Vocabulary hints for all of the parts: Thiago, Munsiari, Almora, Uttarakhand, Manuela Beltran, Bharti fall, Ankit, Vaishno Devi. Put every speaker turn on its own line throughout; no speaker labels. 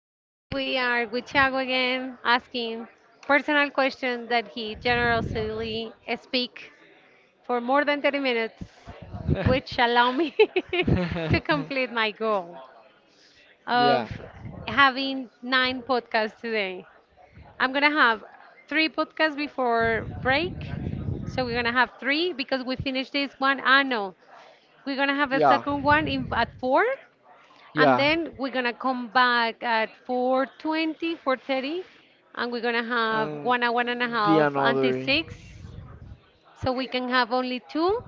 today we are with Thiago again, asking personal questions that he generously speak for more than 30 minutes, which allow me to complete my goal
yeah.
of having nine podcasts today. I'm gonna have three podcasts before break. So we're gonna have three because we finished this one. Ah no, we're gonna have a
Yeah.
second one in at four and
Yeah.
then we're gonna come back at 4:20, 4:30, and we're gonna have
And
1 hour and a
the
half
another.
until six, so we can have only two,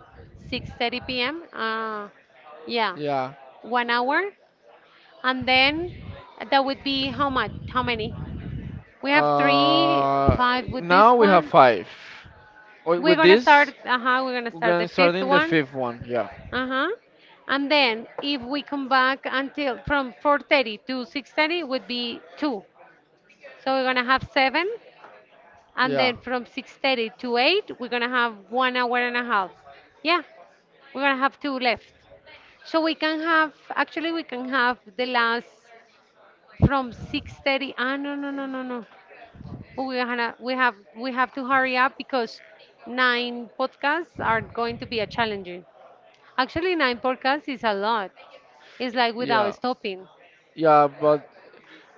6:30 p.m. Yeah,
Yeah.
1 hour, and then that would be how much? How many? We have three,
Uh,
five with this
Now we have
one.
five.
We're
With
gonna start.
this,
Uh huh. We're gonna
we're
start
gonna
the
start
fifth
in the
one.
fifth one. Yeah,
Uh huh. And then if we come back until from 4:30 to 6:30 would be two. So we're gonna have seven, and
yeah.
then from 6:30 to 8, we're gonna have 1 hour and a half. Yeah, we're gonna have two left. So we can have, actually, we can have the last from 6:30. Ah, no, no, no, no, no. We have to hurry up because nine podcasts are going to be a challenging. Actually, nine podcasts is a lot. It's like without
Yeah.
stopping.
Yeah, but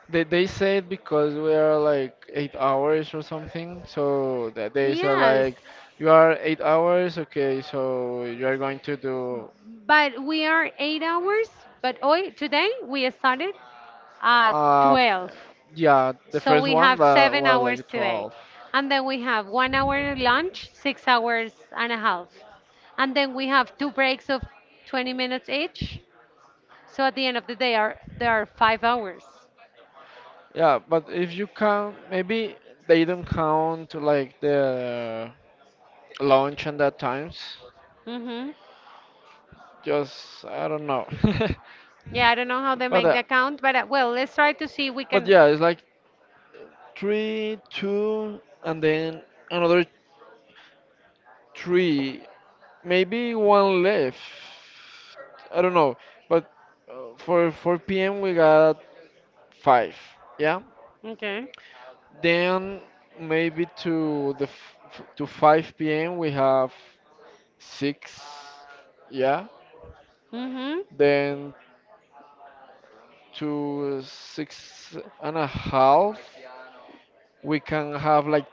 they said because we are like 8 hours or something, so that they say
Yes.
like you are 8 hours, okay, so you are going to do
But we are 8 hours, but hoy, today we started at
uh
12.
yeah, the
So
first
we
one
have
that
seven
was
hours
like
today.
12.
And then we have 1 hour lunch, 6 hours and a half. And then we have two breaks of 20 minutes each. So at the end of the day, are there are 5 hours.
Yeah, but if you count, maybe they don't count like the lunch and that times.
hmm
Just I don't know.
Yeah, I don't know how they
but
make
uh,
the count, but well, let's try to see we
but
can.
yeah, it's like three, two, and then another three, maybe one left. I don't know. But For 4 p.m. we got five. Yeah.
Okay.
Then maybe to to 5 p.m. we have six. Yeah.
hmm
Then to six and a half. We can have like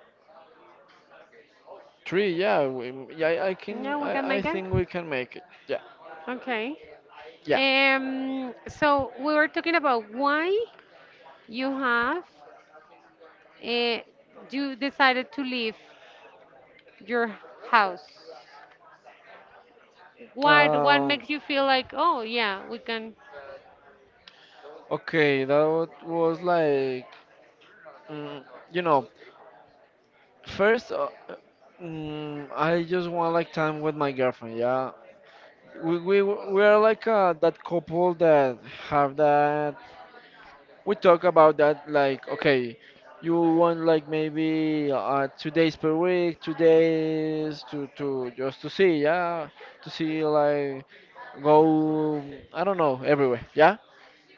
three, yeah. Yeah, I can.
Yeah, we can
I
make it.
think we can make it. Yeah,
Okay.
yeah.
So we were talking about why you have uh, you decided to leave your house. What
Um,
makes you feel like, oh yeah, we can.
okay, that was like, mm, you know, first, I just want like time with my girlfriend. Yeah, we are like that couple that have that we talk about that, like, okay, you want like maybe 2 days per week, 2 days to just to see, yeah, to see, like, go, I don't know, everywhere, yeah.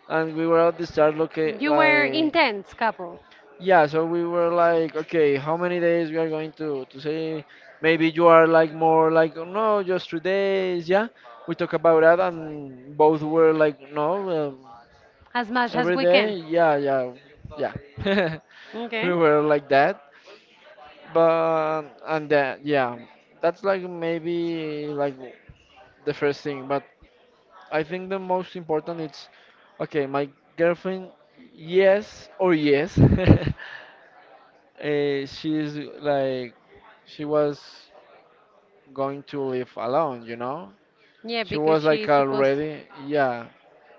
And we were at the start looking
You were
like,
intense couple,
yeah, so we were like, okay, how many days we are going to see. Maybe you are like more like, "Oh, no, just 3 days," yeah, we talk about that, and both were like, no,
as much as
every
we
day,
can.
yeah, yeah, yeah. We
Okay.
were like that, but and that, yeah, that's like maybe like the first thing. But I think the most important it's, okay, my girlfriend, yes or yes. She's like, she was going to live alone, you know.
Yeah,
She
because
was
she
like
is supposed.
already, yeah,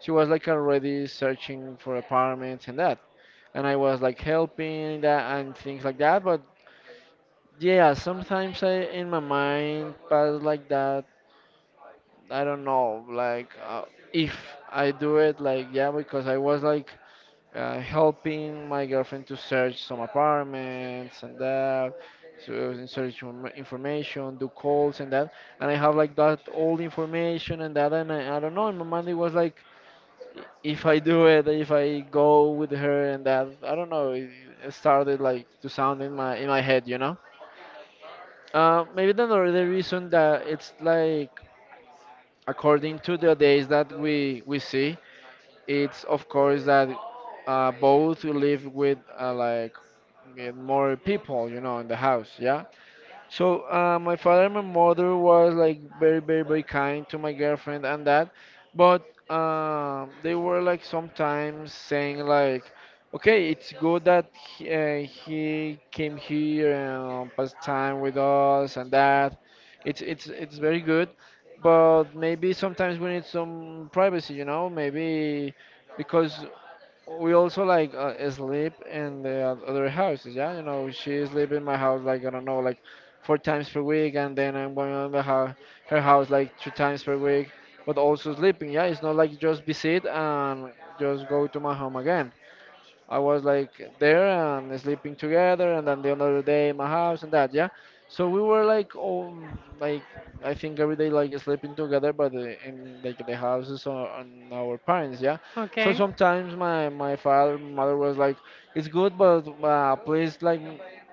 she was like already searching for apartments and that, and I was like helping that and things like that. But yeah, sometimes I in my mind pass like that. I don't know, like if I do it, like, yeah, because I was like helping my girlfriend to search some apartments and that. So and search information, do calls and that, and I have like that all information and that, and I don't know. In my mind, it was like, if I do it, if I go with her and that, I don't know, it started like to sound in my head, you know. Maybe the other reason that it's like, according to the days that we see, it's of course that both we live with like with more people, you know, in the house, yeah. So my father and my mother was like very very very kind to my girlfriend and that, but they were like sometimes saying like, okay, it's good that he came here and passed time with us and that, it's very good, but maybe sometimes we need some privacy, you know, maybe because we also like sleep in the other houses. Yeah, you know, she sleep in my house like, I don't know, like four times per week, and then I'm going on the house, her house, like three times per week, but also sleeping. Yeah, it's not like just visit and just go to my home again. I was like there and sleeping together, and then the another day in my house and that, yeah. So we were like all, like, I think every day like sleeping together, but in like the houses on our parents, yeah. So
Okay.
sometimes my father mother was like, it's good, but please, like,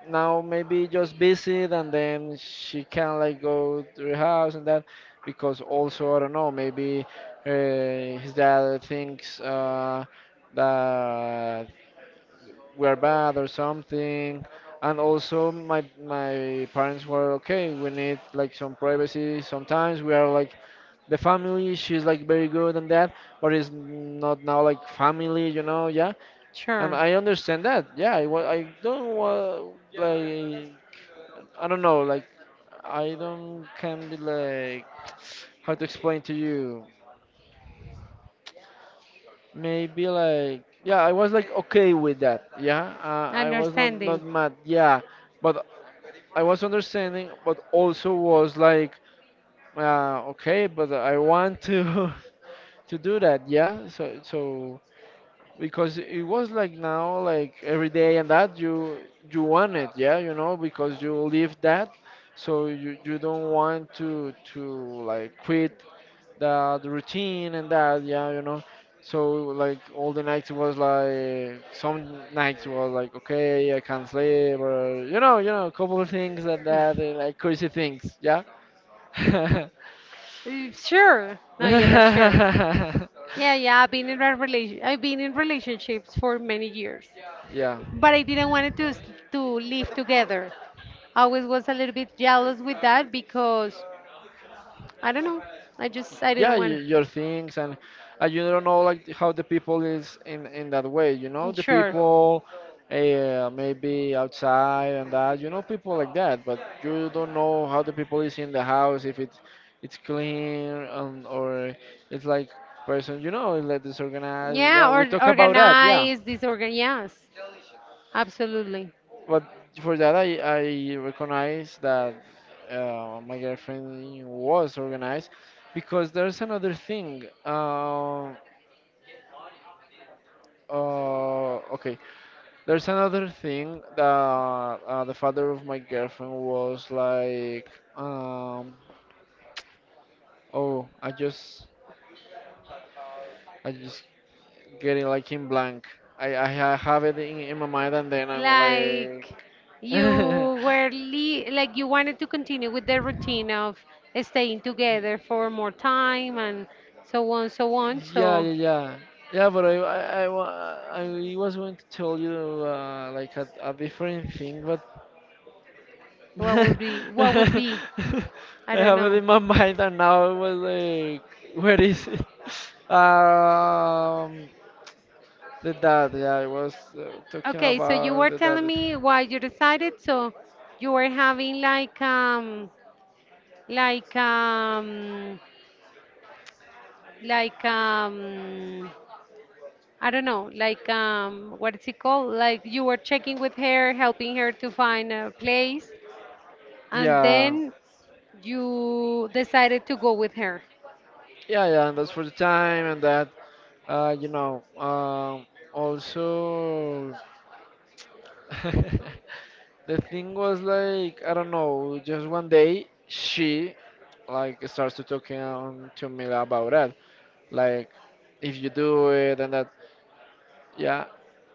now maybe just visit and then she can like go to her house and that, because also I don't know, maybe his dad thinks that we're bad or something. And also, my parents were okay. We need like some privacy. Sometimes we are like the family. She's like very good and that, but it's not now like family, you know? Yeah, and
Sure.
I understand that. Yeah, I don't want, like, I don't know, like, I don't can be like, how to explain to you. Maybe, like, yeah, I was like okay with that. Yeah, I was not
Understanding.
mad. Yeah, but I was understanding, but also was like, okay, but I want to to do that, yeah. So because it was like now, like every day and that, you want it, yeah, you know, because you live that, so you don't want to like quit the routine and that, yeah, you know. So like all the nights was like, some nights was like, okay, I can't sleep, or a couple of things and that and like crazy things, yeah.
Sure. No, yeah, but sure. Yeah, yeah. I've been in a relation. I've been in relationships for many years.
Yeah.
But I didn't want to live together. I always was a little bit jealous with that because I don't know. I
Yeah,
didn't want
your things and you don't know like how the people is in that way, you know,
it.
the
Sure.
people maybe outside and that, you know, people like that, but you don't know how the people is in the house, if it's clean, or it's like, person, you know, like, disorganized, yeah,
Yeah,
we
or
talk about that, yeah.
organize, disorgan. Yes, absolutely.
But for that I recognize that my girlfriend was organized, because there's another thing. Okay. There's another thing that the father of my girlfriend was like, um, oh, I just getting like in blank. Have it in my mind and then I'm like,
Like
yeah,
you were like you wanted to continue with the routine of staying together for more time and so on, so on.
yeah,
So
yeah, yeah. But I was going to tell you like a different thing, but.
what would be? What would
I
be? I don't
have it
know.
in my mind, and now it was like, where is it? Um, the dad. Yeah, I was talking
Okay, so you
about
were
the dad.
telling me why you decided. So you were having like like um like um I don't know, what is it called? Like you were checking with her, helping her to find a place, and
Yeah,
then you decided to go with her.
yeah, yeah. And that's for the time, and that, also, the thing was like, I don't know. Just one day, she, like, starts to talking on to me about that, like, if you do it and that. Yeah,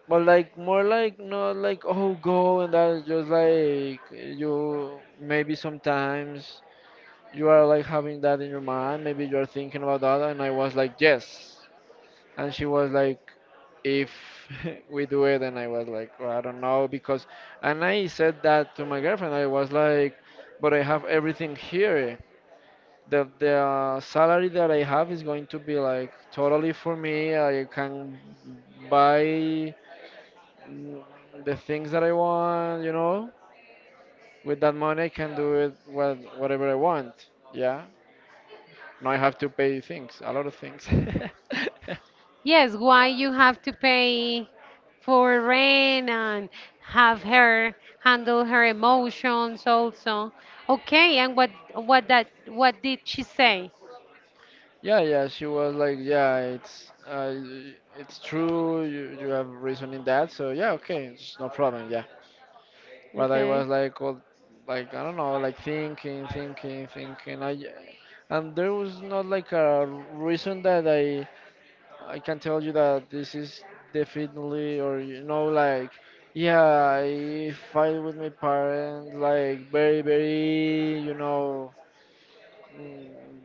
but like more like, not like, oh, go and that's just like, you maybe sometimes you are like having that in your mind. Maybe you are thinking about that, and I was like, yes, and she was like, if we do it, and I was like, "Well, I don't know because," and I said that to my girlfriend. I was like, but I have everything here. The salary that I have is going to be like totally for me. I can buy, mm, the things that I want, you know. With that money, I can do it what, whatever I want. Yeah. Now I have to pay things, a lot of things.
Yes, why you have to pay for rent and have her handle her emotions also. Okay, and what did she say?
Yeah, yeah. She was like, yeah, it's it's true. You have reason in that. So yeah, okay, it's no problem. Yeah. But I
Okay.
was like, all, like, I don't know, like, thinking, thinking, thinking. I, and there was not like a reason that I can tell you that this is definitely, or, you know, like, yeah, I fight with my parents, like, very, very, you know, mm,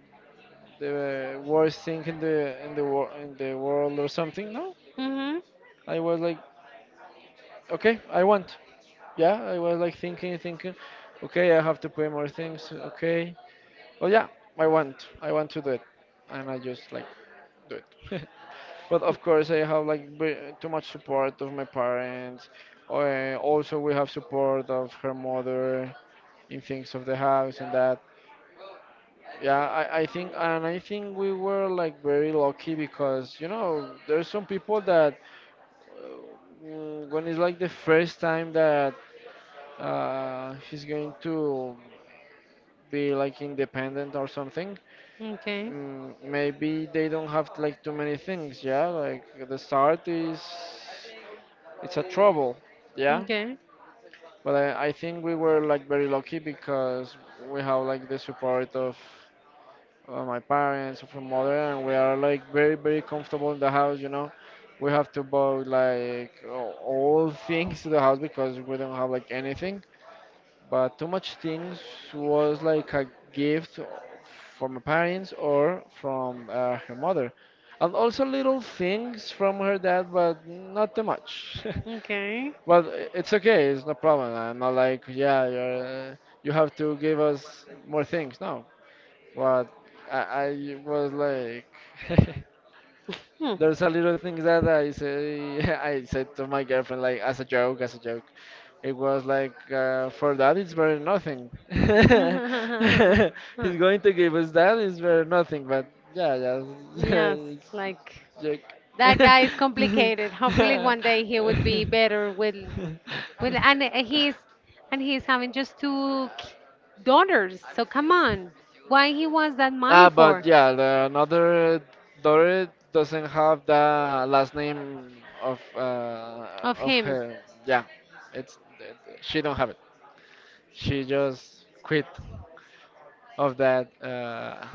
the worst thing in the world or something. No,
Mhm.
I was like, okay, I want. Yeah, I was like thinking, thinking, okay, I have to pay more things. Okay, oh yeah, I want to do it, and I just like do it. But of course, I have like too much support of my parents. Also, we have support of her mother in things of the house and that. Yeah, I think we were like very lucky, because, you know, there's some people that when it's like the first time that he's going to be like independent or something.
Okay.
Maybe they don't have like too many things, yeah. Like the start is It's a trouble, yeah.
Okay.
But I think we were like very lucky, because we have like the support of my parents, of my mother, and we are like very very comfortable in the house. You know, we have to buy like all things to the house, because we don't have like anything. But too much things was like a gift from my parents or from her mother, and also little things from her dad, but not too much.
Okay.
Well, it's okay. It's no problem. I'm not like, yeah, you have to give us more things. No, but I, I was like,
Hmm.
there's a little things that I say, I said to my girlfriend like as a joke, as a joke. It was like, for that it's better nothing. He's going to give us that. It's better nothing. But yeah, yeah,
Yes, like that
it's
guy is complicated. Hopefully
joke.
one day he would be better with with and uh, he's and he's having just daughters. So come on. Why he wants that
Ah,
money
but
for
yeah, the another daughter doesn't have the last name of uh,
of
of
him?
her. Yeah, it's she don't have it. She just quit of that uh,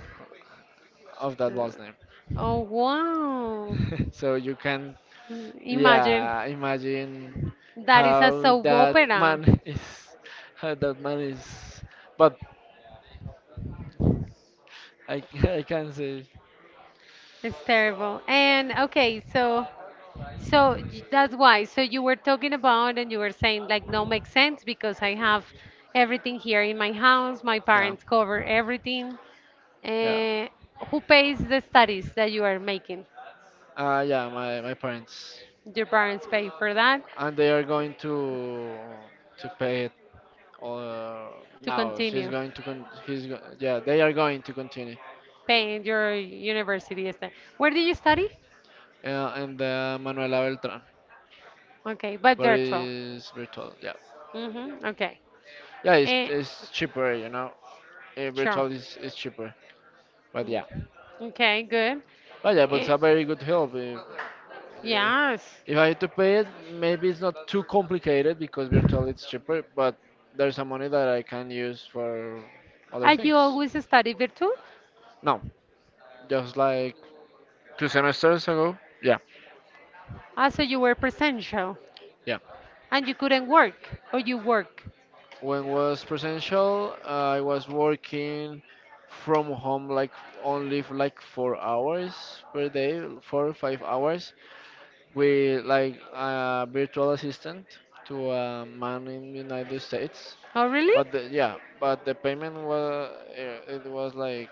of that last
Mm,
name.
oh wow.
So you can,
Mm, imagine
yeah, imagine
that is a
how
soap
that
opera.
man is, how that man is. But I I can't say.
It's terrible. And okay, so that's why. So you were talking about and you were saying like no makes sense because I have everything here in my house. My
Yeah.
parents cover everything.
Yeah.
Uh, who pays the studies that you are making?
Yeah, my parents.
Your parents pay for that
And they are going to pay it uh,
to
now. She's
continue
going to con he's go Yeah, they are going to continue.
paying your university. Where do you study?
And Manuela Beltran,
Okay, but
but
virtual.
it's virtual. Yeah.
Mm-hmm. Okay.
Yeah, it's,
Eh,
it's cheaper, you know.
sure.
Virtual is cheaper. But
Mm.
yeah.
Okay, good.
But yeah, but it's
Eh,
a very good help. Uh,
yes.
if I had to pay it, maybe it's not too complicated because virtually it's cheaper, but there's some money that I can use for other
Are you
things.
always study virtual?
No, just like 2 semesters ago. Yeah,
Ah, so you were presential
yeah.
and you couldn't work, or you work.
When was presential, I was working from home like only for like 4 hours per day, 4 or 5 hours, with like a virtual assistant to a man in the United States.
Oh, really?
But the, yeah, but the payment was, it was like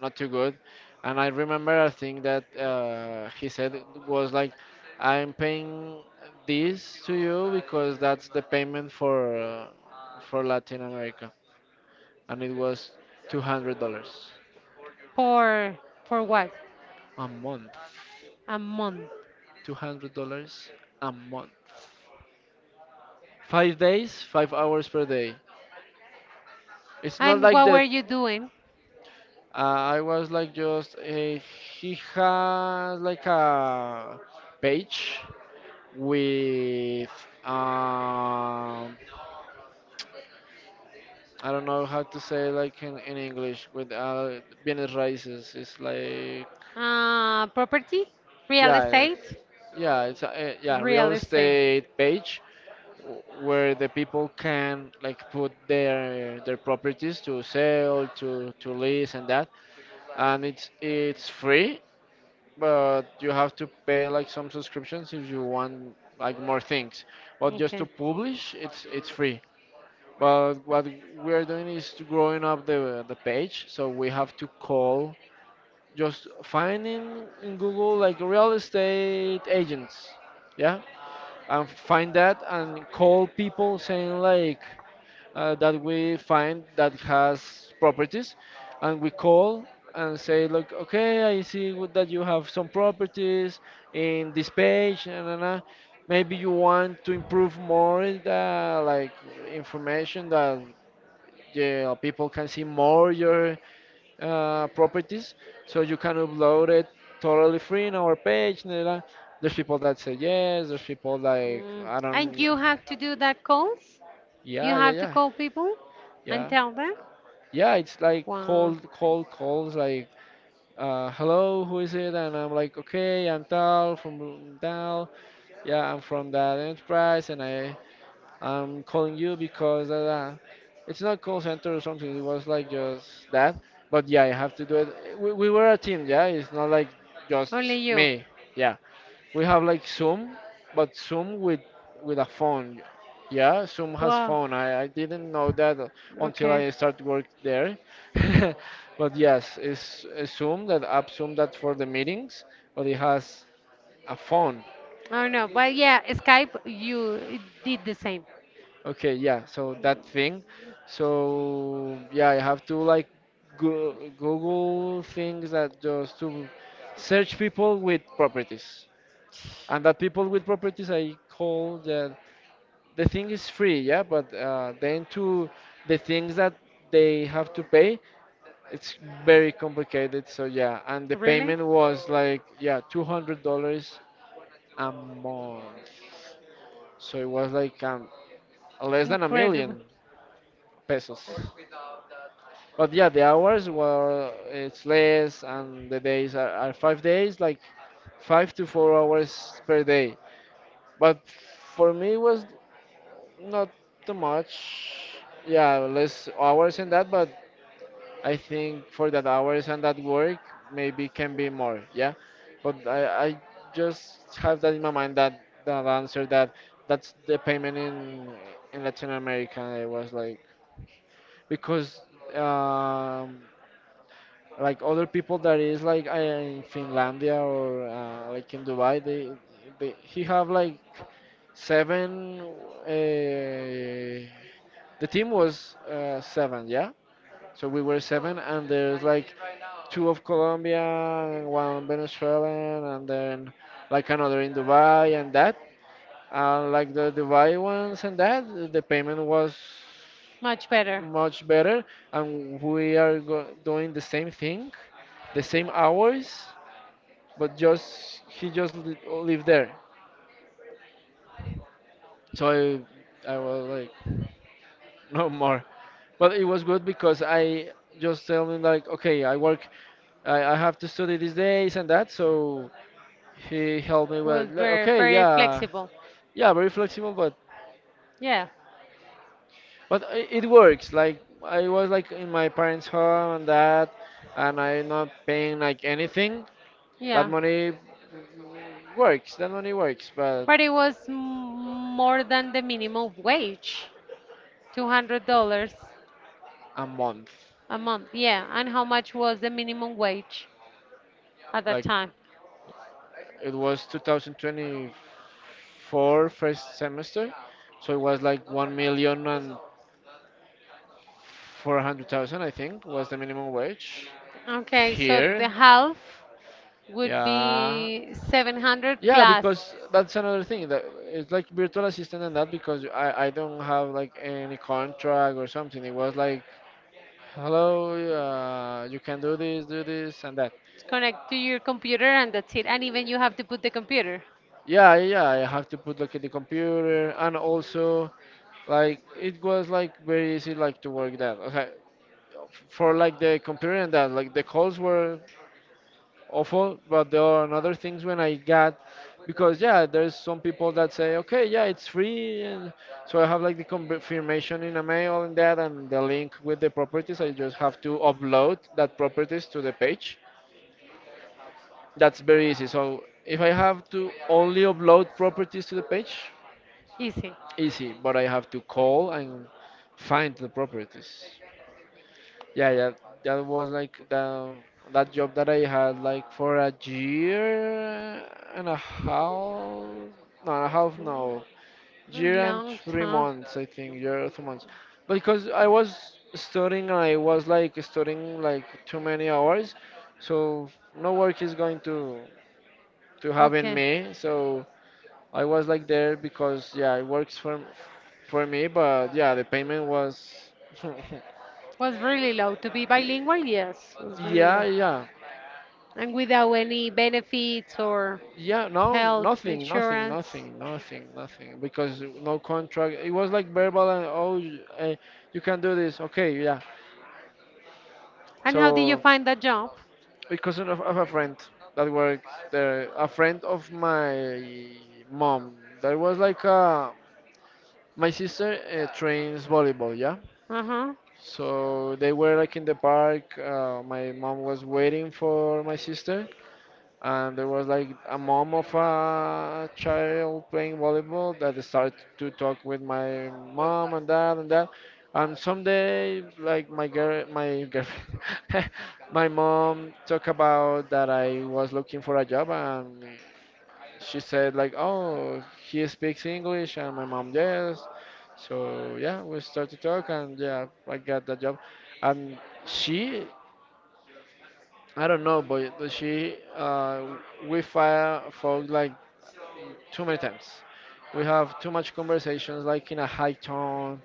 not too good, and I remember I think that he said it was like I'm paying this to you because that's the payment for Latin America, and it was $200
For for what?
a month,
A month.
$200 a month, 5 days, 5 hours per day. It's not
And
like
what were
the.
you doing?
I was like just he has like a page with um I don't know how to say like in English with Bienes raíces. It's like,
Property? Real
yeah,
estate?
it's a, yeah, real
Real estate.
estate page, where the people can like put their properties to sell to lease and that, and it's free, but you have to pay like some subscriptions if you want like more things. But just to
Okay.
publish, it's free. But what we are doing is to growing up the page, so we have to call, just finding in Google like real estate agents, yeah, and find that and call people saying like that we find that has properties, and we call and say, look, okay, I see that you have some properties in this page, and nah, nah, nah, maybe you want to improve more the like information that yeah, people can see more your properties, so you can upload it totally free in our page, nah, nah. There's people that say yes, there's people like
Mm.
I
And
don't.
you have to do that calls? You
Yeah, yeah,
have to
yeah.
call people and
Yeah,
tell them?
yeah, it's like
Wow.
cold calls, like, hello, who is it? And I'm like, okay, I'm Tal from Tal. Yeah, I'm from that enterprise, and I'm calling you because da, da. It's not call center or something. It was like just that. But yeah, I have to do it. We were a team, yeah. It's not like
Only
just
you.
me. Yeah. We have like Zoom, but Zoom with a phone. Yeah, Zoom has
Wow.
phone. I didn't know that until
Okay.
I started work there. But yes, it's Zoom, that app Zoom, that for the meetings, but it has a phone.
I don't know, but yeah, Skype, you did the same.
Okay, yeah, so that thing. So yeah, I have to like go Google things that just to search people with properties. And that people with properties I call. The thing is free, yeah, but then to the things that they have to pay, it's very complicated. So yeah, and the
Really?
payment was like yeah, $200 a month. So it was like less than a
Incredible.
million pesos. But yeah, the hours were, it's less, and the days are 5 days, like 5 to 4 hours per day. But for me, it was not too much. Yeah, less hours and that, but I think for that hours and that work, maybe can be more. Yeah, but I just have that in my mind, that that answer, that that's the payment in Latin America. I was like, because um like other people that is like I in Finlandia or like in Dubai, they he have like seven. Uh, The team was seven, yeah. So we were seven, and there's like two of Colombia and one Venezuelan, and then like another in Dubai and that. Like the Dubai ones and that, the payment was
Much better.
much better, and we are doing the same thing, the same hours, but just he just lived there. So I was like, no more. But it was good because I just tell him like, okay, I work. I have to study these days and that. So he helped me. Well,
Was
like,
very
okay,
very
yeah,
flexible.
yeah, very flexible, but
Yeah,
it works. Like I was like in my parents' home and that, and I'm not paying like anything. That
yeah,
money works. That money works, but
but it was more than the minimum wage, $200
a month.
a month. Yeah, and how much was the minimum wage at that
Like
time?
it was 2024 first semester, so it was like 1,400,000, I think, was the minimum wage
Okay, so the
here.
half would
Yeah,
be 700
yeah,
plus.
because that's another thing that it's like virtual assistant and that because I don't have like any contract or something. It was like, hello, you can do this and that.
Connect to your computer and that's it. And even you have to put the computer.
Yeah, yeah, I have to put like in the computer, and also like it was like very easy like to work that. Okay, for like the computer and that, like the calls were awful, but there are another things when I got, because yeah, there's some people that say, okay, yeah, it's free, and so I have like the confirmation in a mail and that, and the link with the properties. I just have to upload that properties to the page. That's very easy. So if I have to only upload properties to the page,
Easy.
easy, but I have to call and find the properties. Yeah, yeah, that was like the that job that I had like for a year and a half, not a half, no,
A
year and
long
three
time.
months, I think, year or 3 months, because I was studying, I was like studying like too many hours, so no work is going to have in
Okay.
me, so I was like there because yeah, it works for me, but yeah, the payment was.
Was really low. To be bilingual, yes, was really
Yeah,
low.
yeah.
And without any benefits or
Yeah, no,
health
nothing, nothing,
insurance.
nothing, nothing, nothing. Because no contract. It was like verbal and oh, you can do this. Okay, yeah.
And how did you
So
find that job?
because of a friend that works there, a friend of my mom. That was like my sister trains volleyball. Yeah.
Uh huh.
So they were like in the park. My mom was waiting for my sister, and there was like a mom of a child playing volleyball that started to talk with my mom and dad and that, and someday like my girlfriend my mom talked about that I was looking for a job, and she said like, oh, he speaks English, and my mom, yes. So yeah, we started to talk, and yeah, I got the job. And she, I don't know, but she we fire folk like too many times. We have too much conversations like in a high tone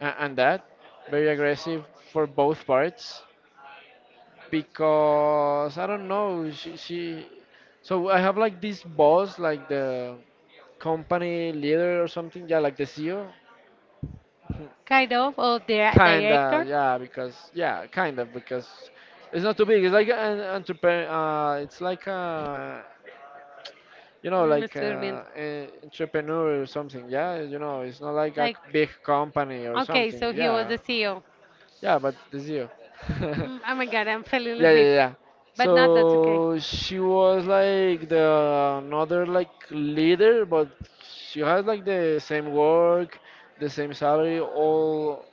and that, very aggressive for both parts, because I don't know, she so I have like this boss, like the company leader or something, yeah, like the CEO.
Kind of, or the
Kinda,
director?
yeah. Because yeah, kind of, because it's not too big, it's like an entrepreneur, it's like a,
Ay, me
like
estoy durmiendo.
an entrepreneur or something. Yeah, it's not like a
Like,
big company or
okay,
something.
so he was
Yeah,
the CEO.
yeah, but it's you. Yeah,
Mm, oh my God, I'm falling
yeah,
asleep.
yeah.
But not that's okay.
So she was like the another like leader, but she has like the same work, the same salary, all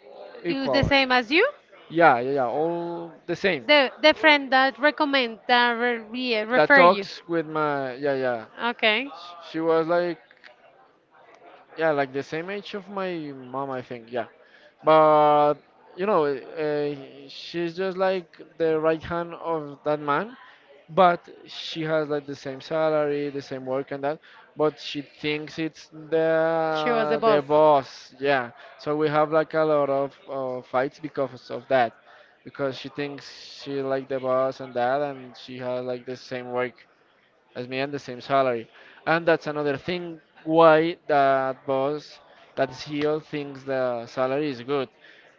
He was the
equal.
same as you?
Yeah, yeah, yeah, all the same.
The friend that yeah,
That
refer you.
talks with my, yeah, yeah.
Okay,
She was like, yeah, like the same age of my mom, I think. Yeah, but you know, she's just like the right hand of that man, but she has like the same salary, the same work and that, but she thinks it's
she was the
the
boss.
boss. Yeah, so we have like a lot of fights because of that, because she thinks she like the boss and that, and she has like the same work as me and the same salary. And that's another thing why that boss, that CEO thinks the salary is good.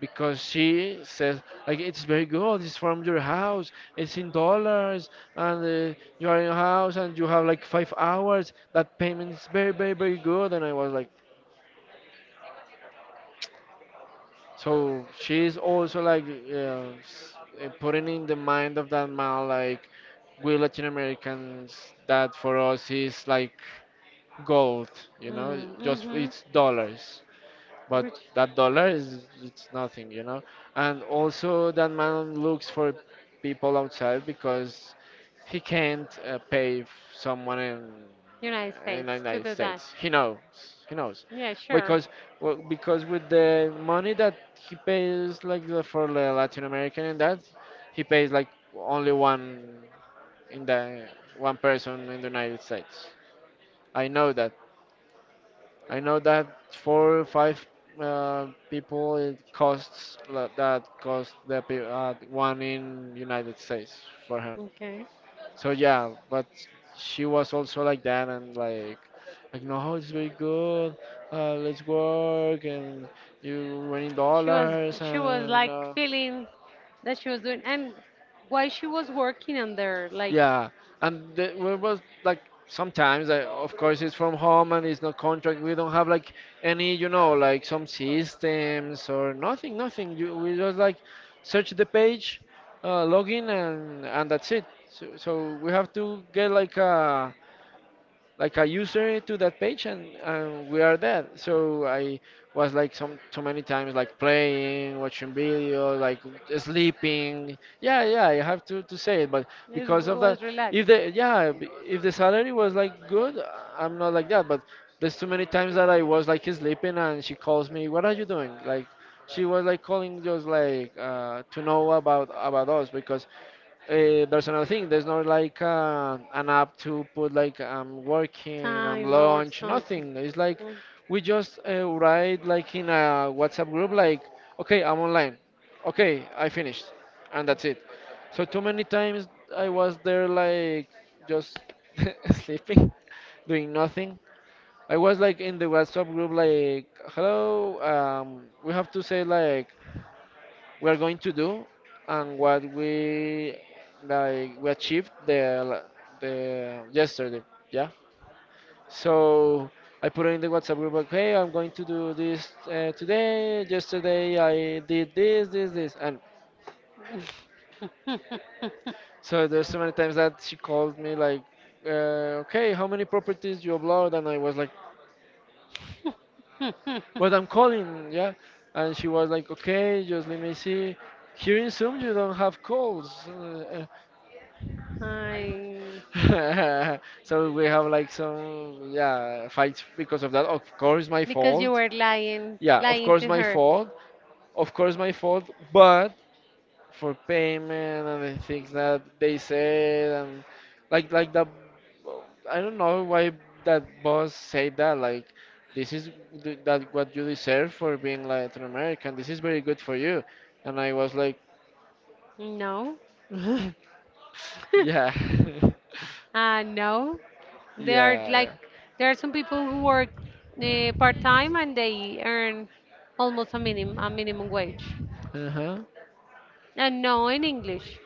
Because she says, like, it's very good, it's from your house, it's in dollars, and you are in your house and you have like 5 hours. That payment is very, very, very good. And I was like, so she's also like putting in the mind of that man, like, we Latin Americans, that for us is like gold, you know,
Mm,
just
mhm.
it's dollars. But
Which
that dollar is it's nothing, you know. And also that man looks for people outside because he can't pay someone
United
in
States
the
to
United
do that.
States. He knows,
Yeah, sure.
because well, because with the money that he pays like for the Latin American and that he pays like only one in the one person in the United States. I know that. I know that 4 or 5 people it costs that cost the one in United States for him.
Okay.
So yeah, but she was also like that and like no, it's very good. Let's work and you winning
She was
dollars
she was
and
like
uh,
feeling that she was doing and while she was working on there, like
yeah, and well, it was like sometimes, I, of course, it's from home and it's not contract. We don't have like any, like some systems or nothing, nothing. We just like search the page, log in, and that's it. So we have to get like a user to that page and we are dead. So I was like some so many times like playing, watching video, like sleeping. Yeah, yeah, I have to say it, but because of that,
was like,
if
if
if the salary was like good, I'm not like that. But there's too many times that I was like sleeping and she calls me, what are you doing, like she was like calling just like to know about us. Because there's another thing. There's not like an app to put like, I'm working, I'm
time or
lunch,
something.
nothing. It's like
Mm.
we just write like in a WhatsApp group like, okay, I'm online. Okay, I finished, and that's it. So too many times I was there like just sleeping, doing nothing. I was like in the WhatsApp group like, hello, we have to say like we're going to do and what we like we achieved the yesterday. Yeah, so I put in the WhatsApp group like, hey, I'm going to do this today. Yesterday I did this, this, this, and so there's so many times that she called me like okay, how many properties you upload, and I was like, but I'm calling. Yeah, and she was like, okay, just let me see, here in Zoom you don't have calls.
I,
So we have like some, yeah, fights because of that. Of course my
because you
fault.
were
Yeah, of
lying
course
to
my
her.
fault. Of course my fault. But for payment and the things that they said and like the I don't know why that boss said that. Like this is that what you deserve for being Latin American. This is very good for you. And I was like,
No.
yeah, yeah,
No, there are like
yeah.
there are some people who work part time and they earn almost a minimum wage.
Uh-huh.
And no, in English.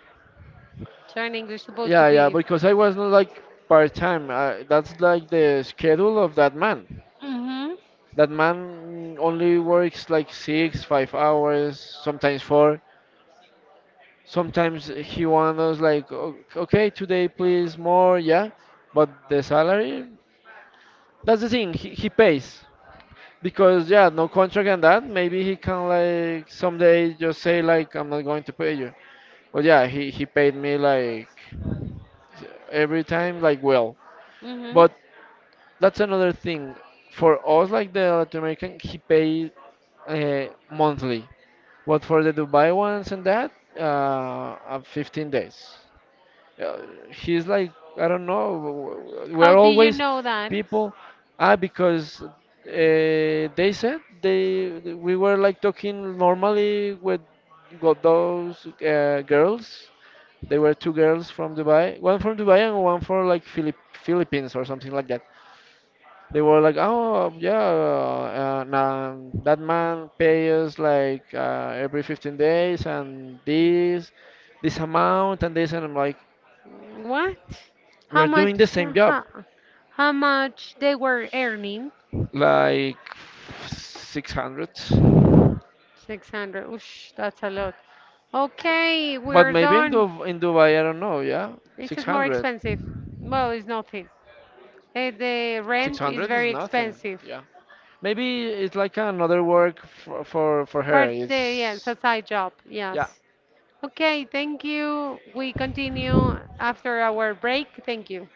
So in English supposed to
Yeah, yeah,
be.
because I was not like part time. I That's like the schedule of that man.
Mhm.
That man only works like six, 5 hours, sometimes four. Sometimes he wants us like, "O- okay, today please more, yeah. But the salary, that's the thing, he pays. Because yeah, no contract and that. Maybe he can like someday just say like, I'm not going to pay you. But yeah, he paid me like every time like well.
Mhm.
But that's another thing. For us like the Latin American he paid uh, monthly, but for the Dubai ones and that 15 days. uh, he's like, I don't know,
How
we're
did you
always
know that?
people. Ah, because they said they we were like talking normally with got those girls, they were 2 girls from Dubai, one from Dubai and one for like Philippines or something like that. They were like, oh, yeah, and that man pay us like every 15 days and this amount and this. And I'm like,
What? How
we're doing the
much?
same job,
How, how much they were earning?
like 600.
600. Oosh, that's a lot. Okay,
But
we're
maybe in,
done.
In Dubai, I don't know, yeah,
This is more
600.
expensive. Well, it's nothing. The rent is
600 is
very
nothing,
expensive.
yeah. Maybe it's like another work for her.
Yes, a
It's,
side job,
yeah.
yes. Okay, thank you. We continue after our break. Thank you.